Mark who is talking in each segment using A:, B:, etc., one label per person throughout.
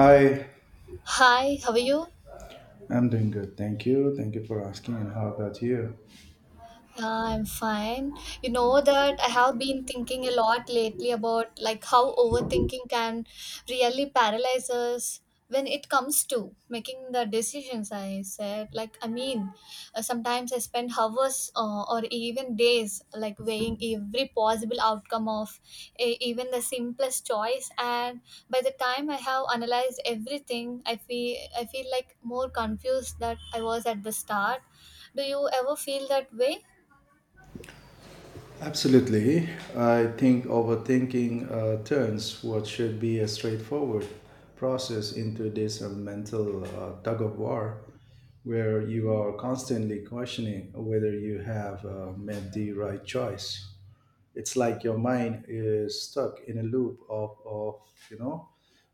A: Hi,
B: Hi, how are you?
A: I'm doing good. Thank you. Thank you for asking. And how about you?
B: Yeah, I'm fine. You know that I have been thinking a lot lately about like how overthinking can really paralyze us when it comes to making the decisions. I said, like, I mean, sometimes I spend hours or even days like weighing every possible outcome of even the simplest choice, and by the time I have analyzed everything, I feel like more confused that I was at the start. Do you ever feel that way?
A: Absolutely. I think overthinking turns what should be a straightforward process into this mental tug of war where you are constantly questioning whether you have made the right choice. It's like your mind is stuck in a loop of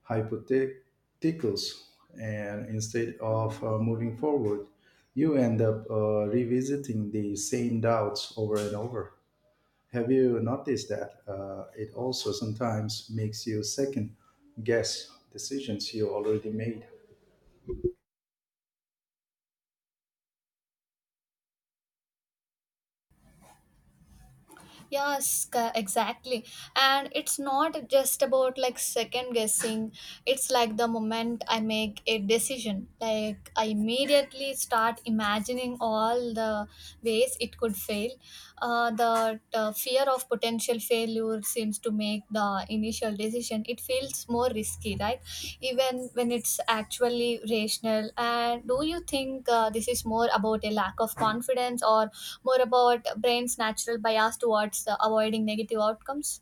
A: hypotheticals. And instead of moving forward, you end up revisiting the same doubts over and over. Have you noticed that it also sometimes makes you second guess decisions you already made?
B: Yes, exactly. And it's not just about like second guessing. It's like the moment I make a decision, like I immediately start imagining all the ways it could fail. The fear of potential failure seems to make the initial decision. It feels more risky, right? Even when it's actually rational? And do you think this is more about a lack of confidence or more about brain's natural bias towards avoiding negative outcomes?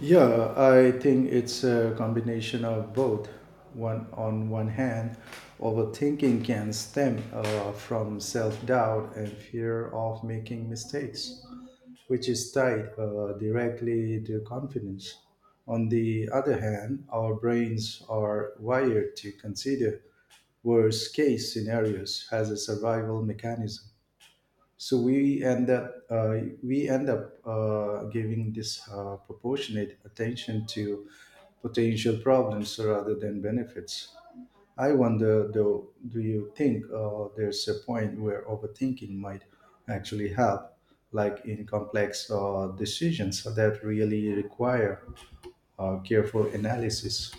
A: Yeah, I think it's a combination of both. One on one hand, overthinking can stem from self-doubt and fear of making mistakes, which is tied directly to confidence. On the other hand, our brains are wired to consider worst case scenarios as a survival mechanism. So we end up giving this proportionate attention to potential problems rather than benefits. I wonder though, do you think there's a point where overthinking might actually help, like in complex decisions that really require careful analysis?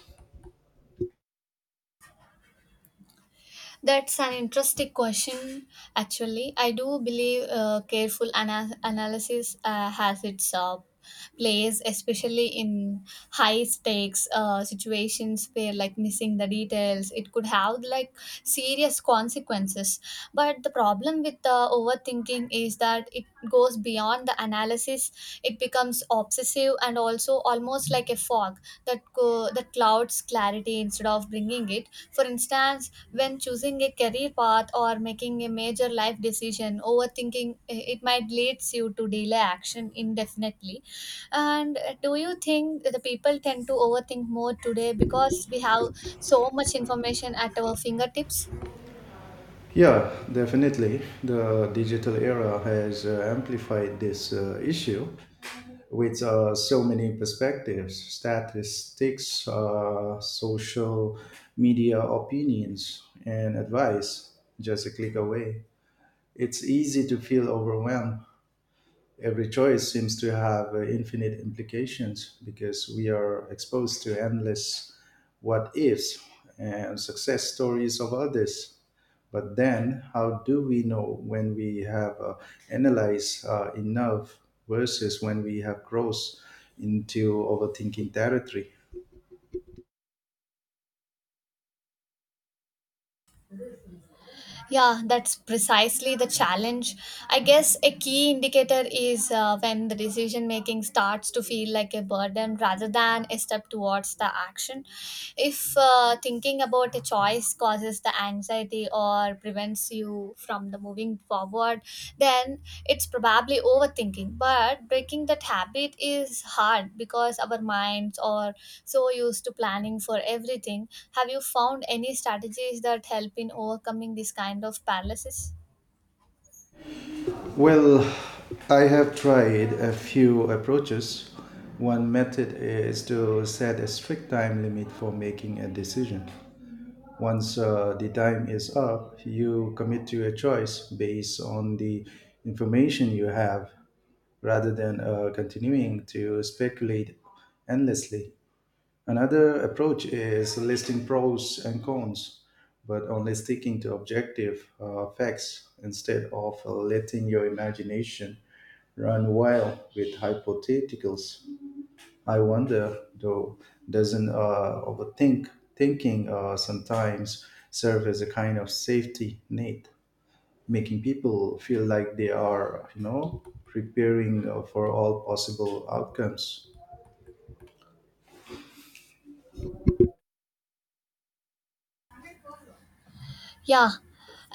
B: That's an interesting question. Actually, I do believe careful analysis has its place, especially in high stakes situations where, like, missing the details, it could have like serious consequences. But the problem with the overthinking is that it goes beyond the analysis; it becomes obsessive and also almost like a fog that that clouds clarity instead of bringing it. For instance, when choosing a career path or making a major life decision, overthinking it might leads you to delay action indefinitely. And do you think the people tend to overthink more today because we have so much information at our fingertips?
A: Yeah, definitely. The digital era has amplified this issue with so many perspectives statistics, social media opinions, and advice just a click away. It's easy to feel overwhelmed. Every choice seems to have infinite implications because we are exposed to endless what ifs and success stories of others. But then, how do we know when we have analyzed enough versus when we have crossed into overthinking territory?
B: Yeah, that's precisely the challenge. I guess a key indicator is when the decision making starts to feel like a burden rather than a step towards the action. If thinking about a choice causes the anxiety or prevents you from the moving forward, then it's probably overthinking. But breaking that habit is hard because our minds are so used to planning for everything. Have you found any strategies that help in overcoming this kind of paralysis?
A: Well, I have tried a few approaches. One method is to set a strict time limit for making a decision. Once the time is up, you commit to a choice based on the information you have rather than continuing to speculate endlessly. Another approach is listing pros and cons, but only sticking to objective facts instead of letting your imagination run wild with hypotheticals. I wonder, though, doesn't overthink thinking sometimes serve as a kind of safety net, making people feel like they are, you know, preparing for all possible outcomes.
B: Yeah,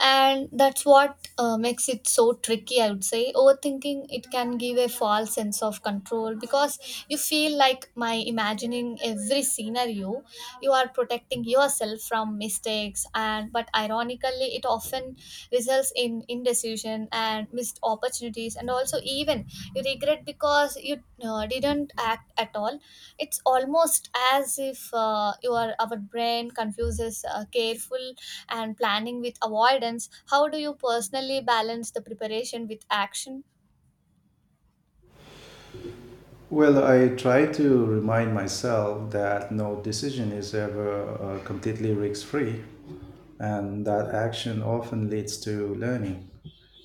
B: and that's what makes it so tricky, I would say. Overthinking, it can give a false sense of control because you feel like my imagining every scenario, you are protecting yourself from mistakes and but ironically it often results in indecision and missed opportunities and also even you regret because you didn't act at all. It's almost as if your our brain confuses careful and planning with avoidance. How do you personally balance the preparation with action?
A: Well, I try to remind myself that no decision is ever completely risk free, and that action often leads to learning,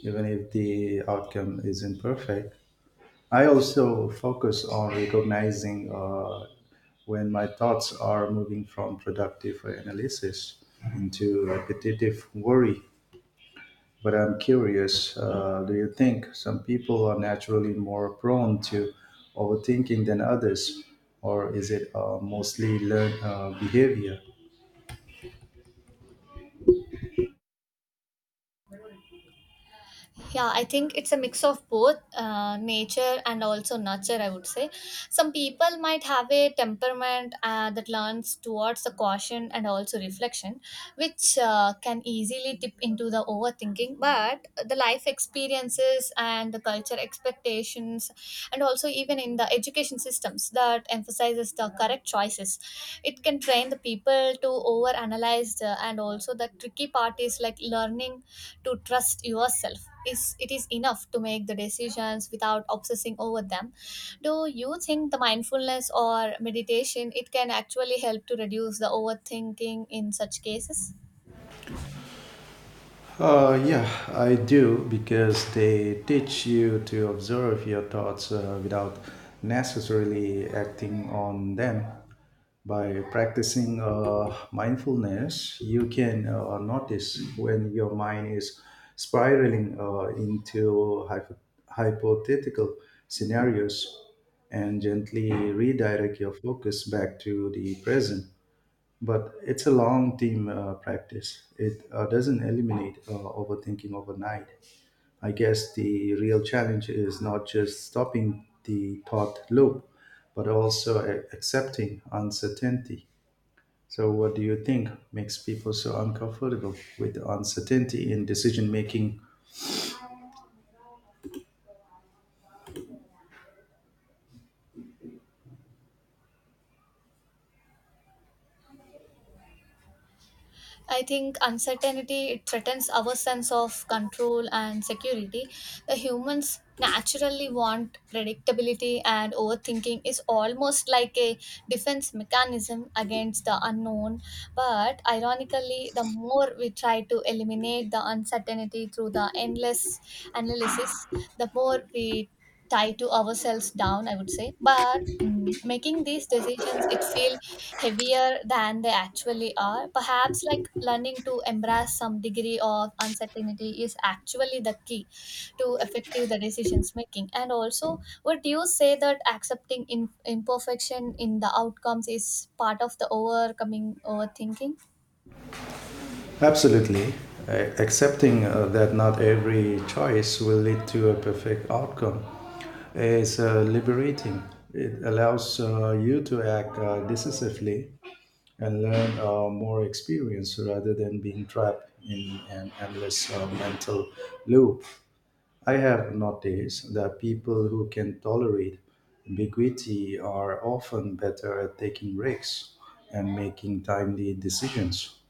A: even if the outcome isn't perfect. I also focus on recognizing when my thoughts are moving from productive analysis into repetitive worry. But I'm curious, do you think some people are naturally more prone to overthinking than others? Or is it mostly learned behavior?
B: Yeah, I think it's a mix of both nature and also nurture, I would say. Some people might have a temperament that learns towards the caution and also reflection, which can easily tip into the overthinking. But the life experiences and the culture expectations and also even in the education systems that emphasizes the correct choices, it can train the people to overanalyze and also the tricky part is like learning to trust yourself. Is it is enough to make the decisions without obsessing over them? Do you think the mindfulness or meditation it can actually help to reduce the overthinking in such cases?
A: Yeah, I do because they teach you to observe your thoughts without necessarily acting on them. By practicing mindfulness, you can notice when your mind is spiraling into hypothetical scenarios and gently redirect your focus back to the present. But it's a long team practice. It doesn't eliminate overthinking overnight. I guess the real challenge is not just stopping the thought loop, but also accepting uncertainty. So, what do you think makes people so uncomfortable with uncertainty in decision making?
B: I think uncertainty it threatens our sense of control and security. The humans naturally want predictability and overthinking is almost like a defense mechanism against the unknown. But ironically, the more we try to eliminate the uncertainty through the endless analysis, the more we tie to ourselves down, I would say. But making these decisions it feel heavier than they actually are. Perhaps like learning to embrace some degree of uncertainty is actually the key to effective the decisions making. And also would you say that accepting imperfection in the outcomes is part of the overcoming overthinking?
A: Absolutely. Accepting that not every choice will lead to a perfect outcome is liberating. It allows you to act decisively and learn more experience rather than being trapped in an endless mental loop. I have noticed that people who can tolerate ambiguity are often better at taking risks and making timely decisions,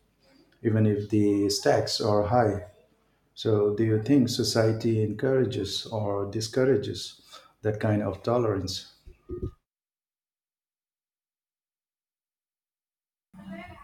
A: even if the stakes are high. So, do you think society encourages or discourages that kind of tolerance?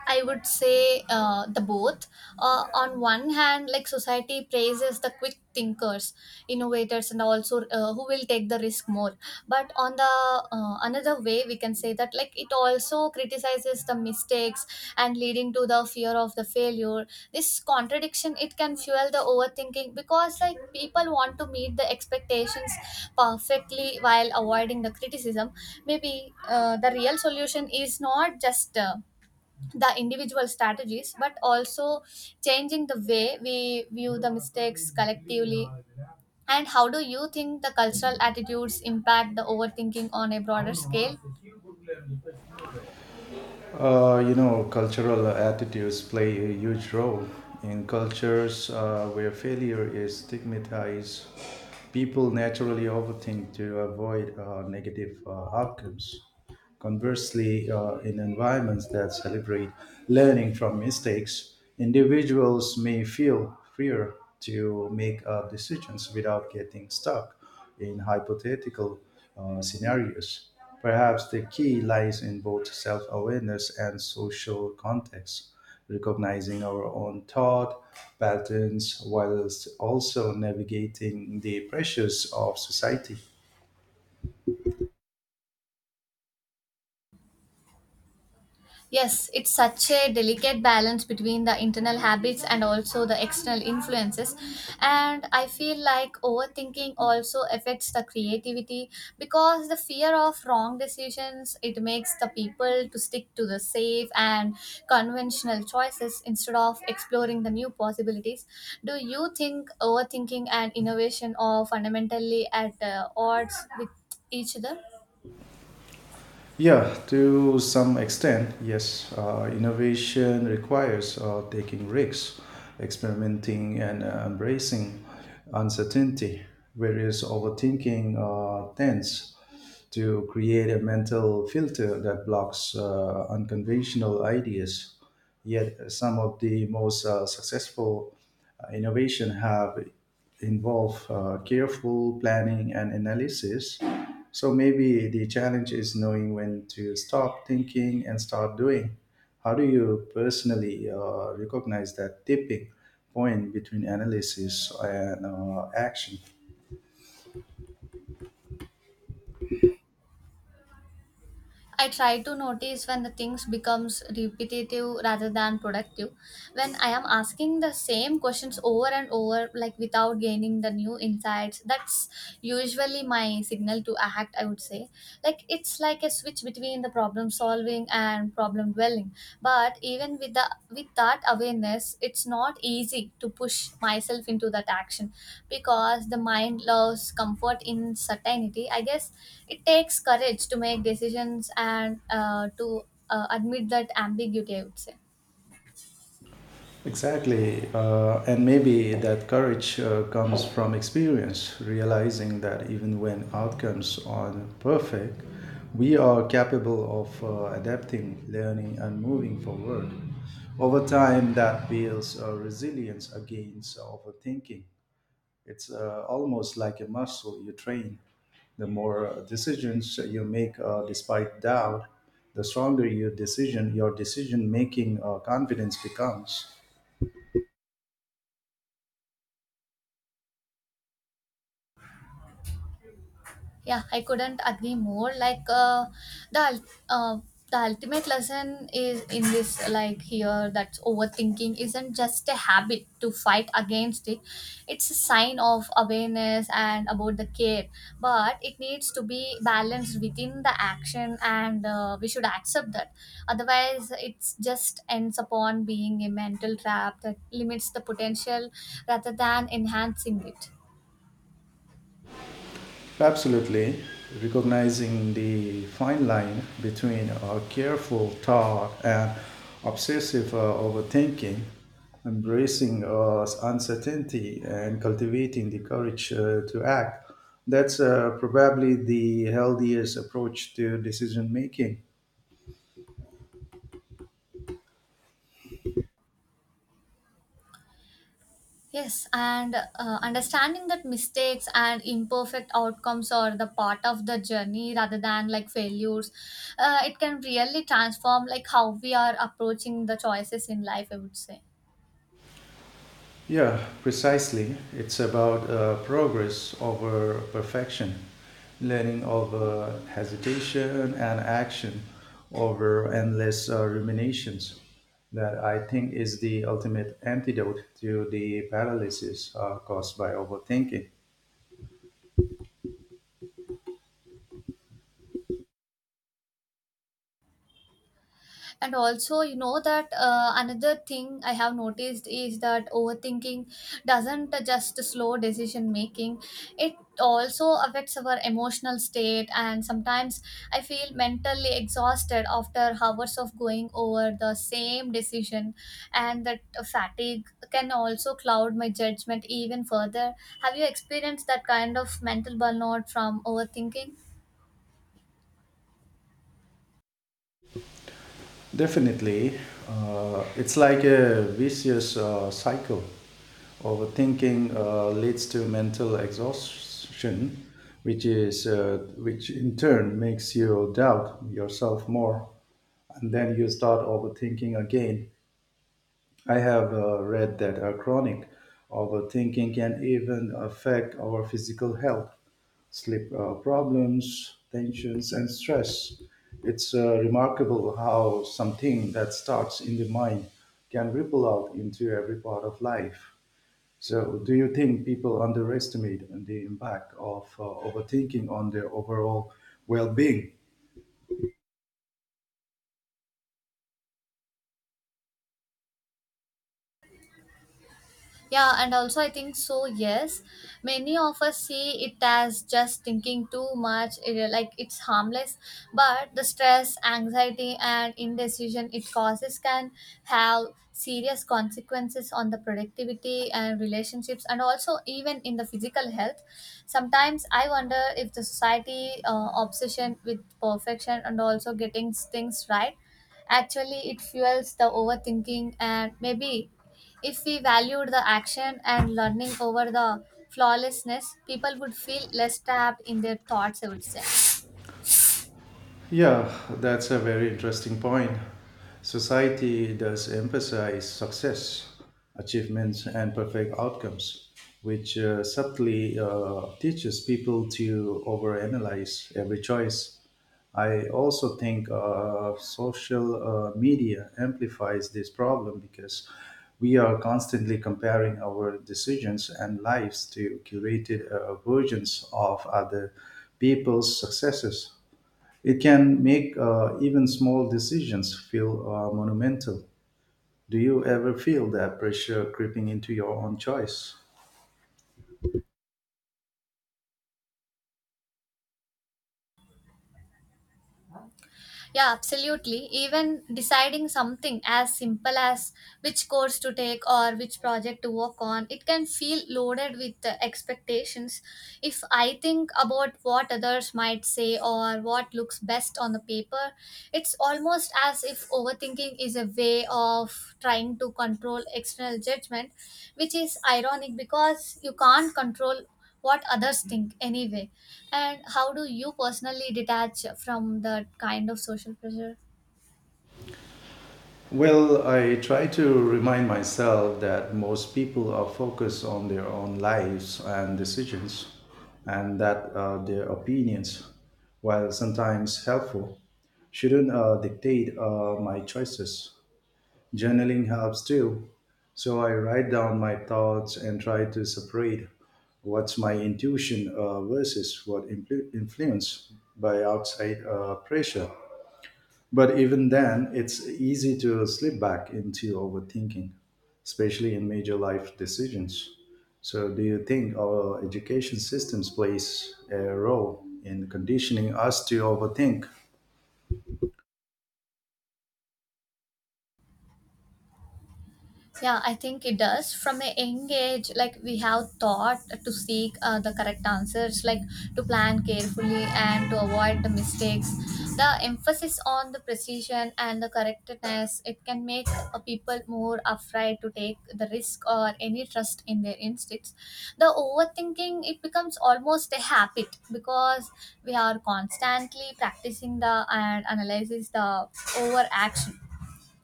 B: I would say the both. On one hand, like society praises the quick thinkers, innovators, and also who will take the risk more. But on the another way, we can say that like it also criticizes the mistakes and leading to the fear of the failure. This contradiction it can fuel the overthinking because like people want to meet the expectations perfectly while avoiding the criticism. Maybe the real solution is not just the individual strategies but also changing the way we view the mistakes collectively. And how do you think the cultural attitudes impact the overthinking on a broader scale?
A: You know, cultural attitudes play a huge role in cultures where failure is stigmatized. People naturally overthink to avoid negative outcomes. Conversely, in environments that celebrate learning from mistakes, individuals may feel freer to make decisions without getting stuck in hypothetical scenarios. Perhaps the key lies in both self awareness and social context, recognizing our own thought patterns whilst also navigating the pressures of society.
B: Yes, it's such a delicate balance between the internal habits and also the external influences. And I feel like overthinking also affects the creativity because the fear of wrong decisions it makes the people to stick to the safe and conventional choices instead of exploring the new possibilities. Do you think overthinking and innovation are fundamentally at odds with each other?
A: Yeah, to some extent, yes. Innovation requires taking risks, experimenting, and embracing uncertainty, whereas overthinking tends to create a mental filter that blocks unconventional ideas. Yet, some of the most successful innovation have involved careful planning and analysis. So maybe the challenge is knowing when to stop thinking and start doing. How do you personally recognize that tipping point between analysis and action?
B: I try to notice when the things becomes repetitive rather than productive. When I am asking the same questions over and over, like without gaining the new insights, that's usually my signal to act. I would say, like it's like a switch between the problem solving and problem dwelling. But even with that awareness it's not easy to push myself into that action because the mind loves comfort in certainty, I guess. It takes courage to make decisions and to admit that ambiguity, I would say.
A: Exactly. And maybe that courage comes from experience, realizing that even when outcomes aren't perfect, we are capable of adapting, learning, and moving forward. Over time, that builds resilience against overthinking. It's almost like a muscle you train. The more decisions you make despite doubt, the stronger your decision making confidence becomes.
B: Yeah, I couldn't agree more. Like the ul- uh, the ultimate lesson is in this, like, here that overthinking isn't just a habit to fight against. It it's a sign of awareness and about the care, but it needs to be balanced within the action, and we should accept that. Otherwise it's just ends upon being a mental trap that limits the potential rather than enhancing it.
A: Absolutely. Recognizing the fine line between a careful thought and obsessive overthinking, embracing uncertainty, and cultivating the courage to act, that's probably the healthiest approach to decision making.
B: Yes, and understanding that mistakes and imperfect outcomes are the part of the journey rather than like failures, it can really transform like how we are approaching the choices in life, I would say.
A: Yeah, precisely. It's about progress over perfection, learning over hesitation, and action over endless ruminations. That I think is the ultimate antidote to the paralysis caused by overthinking.
B: And also you know that another thing I have noticed is that overthinking doesn't just slow decision making, it also affects our emotional state. And sometimes I feel mentally exhausted after hours of going over the same decision, and that fatigue can also cloud my judgment even further. Have you experienced that kind of mental burnout from overthinking?
A: Definitely, it's like a vicious cycle. Overthinking leads to mental exhaustion, which in turn makes you doubt yourself more, and then you start overthinking again. I have read that our chronic overthinking can even affect our physical health, sleep problems, tensions, and stress. It's remarkable how something that starts in the mind can ripple out into every part of life. So, do you think people underestimate the impact of overthinking on their overall well being?
B: Yeah, and also I think so, yes. Many of us see it as just thinking too much, like it's harmless, but the stress, anxiety, and indecision it causes can have serious consequences on the productivity and relationships, and also even in the physical health. Sometimes I wonder if the society obsession with perfection and also getting things right actually it fuels the overthinking and maybe if we valued the action and learning over the flawlessness, people would feel less trapped in their thoughts, I would say.
A: Yeah, that's a very interesting point. Society does emphasize success, achievements, and perfect outcomes, which subtly teaches people to overanalyze every choice. I also think social media amplifies this problem because we are constantly comparing our decisions and lives to curated versions of other people's successes. It can make even small decisions feel monumental. Do you ever feel that pressure creeping into your own choice?
B: Yeah, absolutely. Even deciding something as simple as which course to take or which project to work on, it can feel loaded with expectations. If I think about what others might say or what looks best on the paper, it's almost as if overthinking is a way of trying to control external judgment, which is ironic because you can't control what others think anyway. And how do you personally detach from that kind of social pressure?
A: Well, I try to remind myself that most people are focused on their own lives and decisions, and that their opinions, while sometimes helpful, shouldn't dictate my choices. Journaling helps too. So I write down my thoughts and try to separate what's my intuition versus what influence by outside pressure. But even then, it's easy to slip back into overthinking, especially in major life decisions. So, do you think our education systems plays a role in conditioning us to overthink?
B: Yeah, I think it does. From a young age, like we have taught to seek the correct answers, like to plan carefully and to avoid the mistakes. The emphasis on the precision and the correctness it can make people more afraid to take the risk or any trust in their instincts. The overthinking it becomes almost a habit because we are constantly practicing the and analyzes the overaction.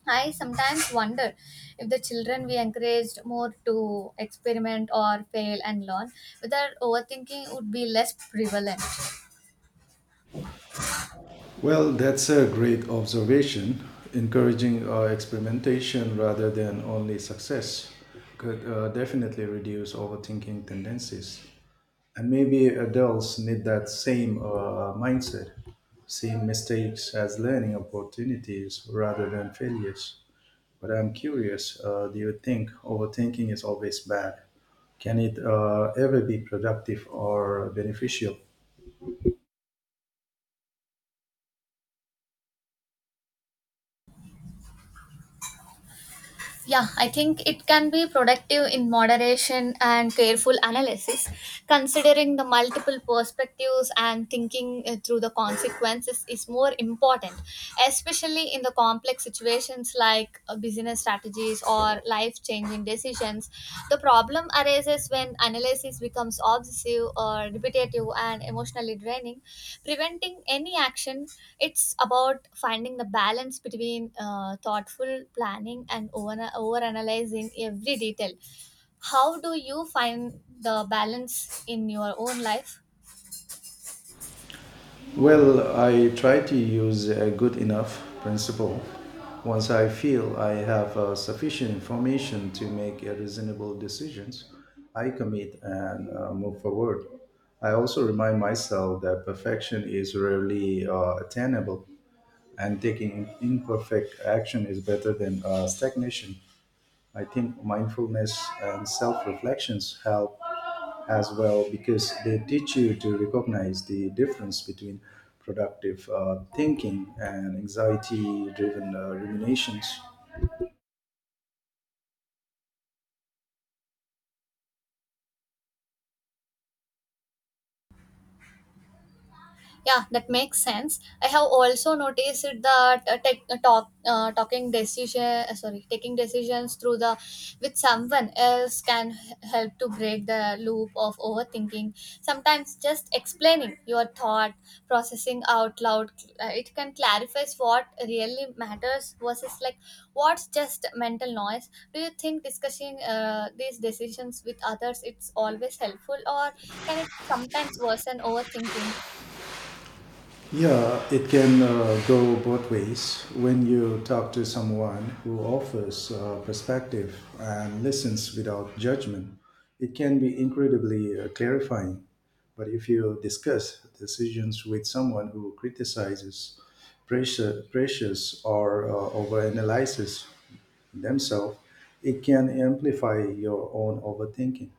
B: I sometimes wonder if the children we encouraged more to experiment or fail and learn, whether overthinking would be less prevalent.
A: Well, that's a great observation. Encouraging experimentation rather than only success could definitely reduce overthinking tendencies. And maybe adults need that same mindset, seeing mistakes as learning opportunities rather than failures. But I'm curious, do you think overthinking is always bad? Can it ever be productive or beneficial?
B: Yeah, I think it can be productive in moderation and careful analysis. Considering the multiple perspectives and thinking through the consequences is more important, especially in the complex situations like business strategies or life changing decisions. The problem arises when analysis becomes obsessive or repetitive and emotionally draining. Preventing any action, it's about finding the balance between thoughtful planning and over analyzing every detail. How do you find the balance in your own life?
A: Well, I try to use a good enough principle. Once I feel I have sufficient information to make a reasonable decisions, I commit and move forward. I also remind myself that perfection is rarely attainable, and taking imperfect action is better than stagnation. I think mindfulness and self reflections help as well because they teach you to recognize the difference between productive thinking and anxiety driven ruminations.
B: Yeah, that makes sense. I have also noticed that tech, talk, talking decision, sorry, taking decisions through the with someone else can help to break the loop of overthinking. Sometimes just explaining your thought, processing out loud, it can clarify what really matters versus like what's just mental noise. Do you think discussing these decisions with others it's always helpful or can it sometimes worsen overthinking?
A: Yeah, it can go both ways. When you talk to someone who offers perspective and listens without judgment, it can be incredibly clarifying. But if you discuss decisions with someone who criticizes, pressures, or overanalyzes, themselves, it can amplify your own overthinking.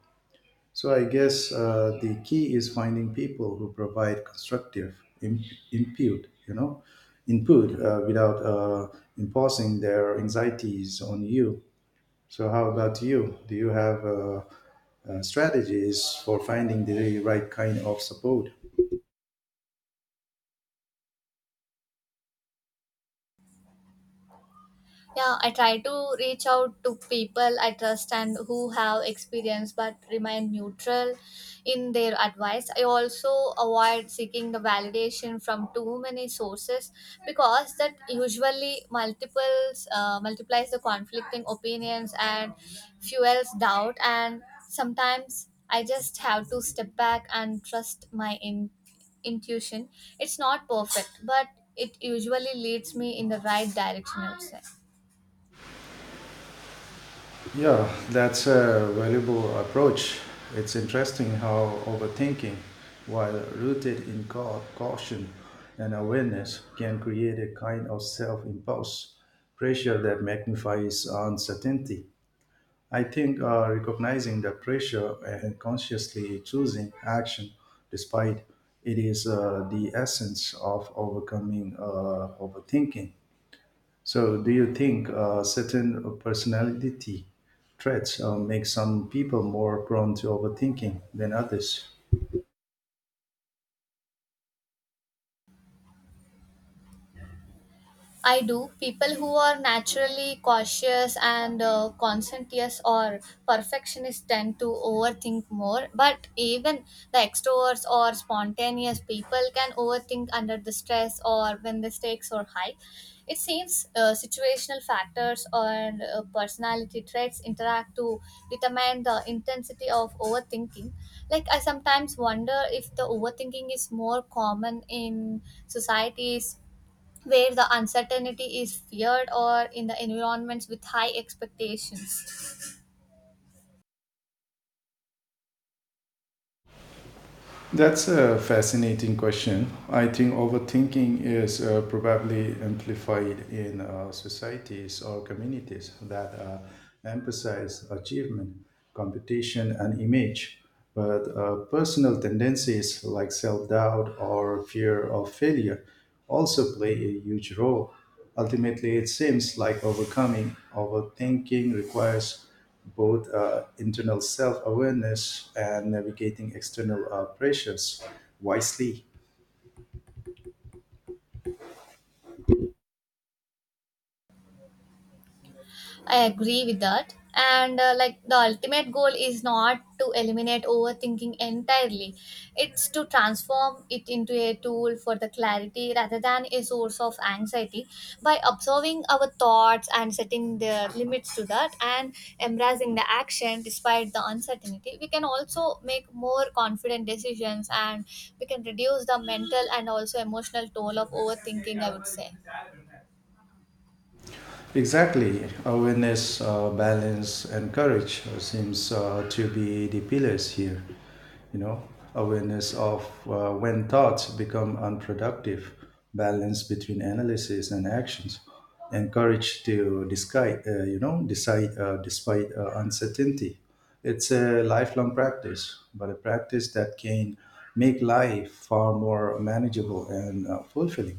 A: So I guess the key is finding people who provide constructive input, you know, input without imposing their anxieties on you. So how about you? Do you have strategies for finding the right kind of support?
B: Yeah, I try to reach out to people I trust and who have experience but remain neutral in their advice. I also avoid seeking the validation from too many sources because that usually multiples multiplies the conflicting opinions and fuels doubt and sometimes I just have to step back and trust my intuition. It's not perfect, but it usually leads me in the right direction, I would say.
A: Yeah, that's a valuable approach. It's interesting how overthinking, while rooted in caution and awareness, can create a kind of self impulse pressure that magnifies uncertainty. I think recognizing the pressure and consciously choosing action despite it is the essence of overcoming overthinking. So, do you think certain personality traits make some people more prone to overthinking than others?
B: I do. People who are naturally cautious and conscientious or perfectionists tend to overthink more. But even the extroverts or spontaneous people can overthink under the stress or when the stakes are high. It seems situational factors or personality traits interact to determine the intensity of overthinking. Like, I sometimes wonder if the overthinking is more common in societies where the uncertainty is feared or in the environments with high expectations.
A: That's a fascinating question. I think overthinking is probably amplified in societies or communities that emphasize achievement, competition, and image. But personal tendencies like self doubt or fear of failure also play a huge role. Ultimately, it seems like overcoming overthinking requires both internal self awareness and navigating external pressures wisely.
B: I agree with that. And like the ultimate goal is not to eliminate overthinking entirely, it's to transform it into a tool for the clarity rather than a source of anxiety by observing our thoughts and setting the limits to that and embracing the action despite the uncertainty. We can also make more confident decisions and we can reduce the mental and also emotional toll of overthinking, I would say.
A: Exactly. Awareness, balance, and courage seems to be the pillars here. You know, awareness of when thoughts become unproductive, balance between analysis and actions, and courage to disguise, you know, decide despite uncertainty. It's a lifelong practice, but a practice that can make life far more manageable and fulfilling.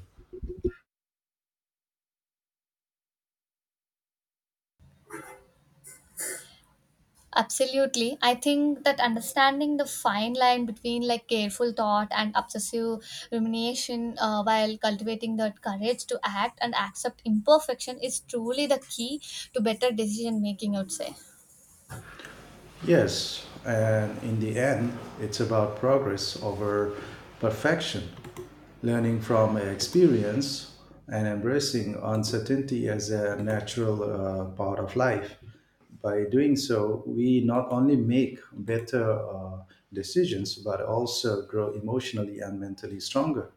B: Absolutely. I think that understanding the fine line between like careful thought and obsessive rumination while cultivating that courage to act and accept imperfection is truly the key to better decision making, I would say.
A: Yes, and in the end, it's about progress over perfection, learning from experience and embracing uncertainty as a natural part of life. By doing so, we not only make better decisions but also grow emotionally and mentally stronger.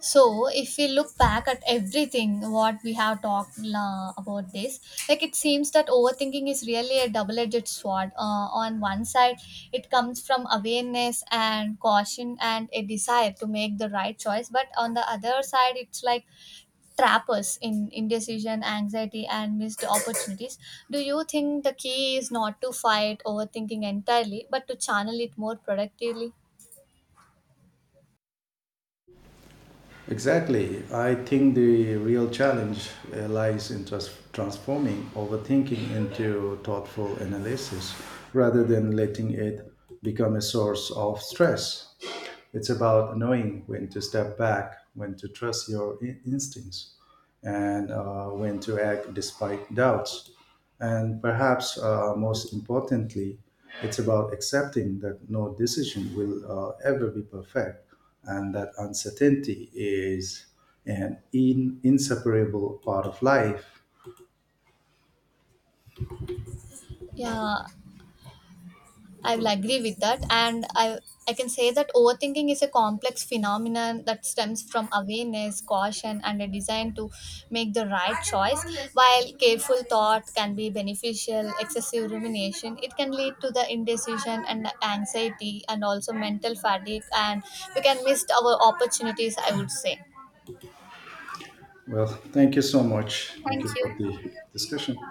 B: So, if we look back at everything what we have talked about this, like it seems that overthinking is really a double-edged sword. On one side, it comes from awareness and caution and a desire to make the right choice, but on the other side, it's like trappers in indecision, anxiety, and missed opportunities. Do you think the key is not to fight overthinking entirely, but to channel it more productively?
A: Exactly. I think the real challenge lies in transforming overthinking into thoughtful analysis rather than letting it become a source of stress. It's about knowing when to step back, when to trust your instincts, and when to act despite doubts. And perhaps most importantly, it's about accepting that no decision will ever be perfect and that uncertainty is an inseparable part of life.
B: Yeah, I will agree with that, and I can say that overthinking is a complex phenomenon that stems from awareness, caution, and a desire to make the right choice. While careful thought can be beneficial, excessive rumination it can lead to the indecision and anxiety, and also mental fatigue, and we can miss our opportunities. I would say.
A: Well, thank you so much. Thank
B: Thank
A: you for the
B: you.
A: discussion.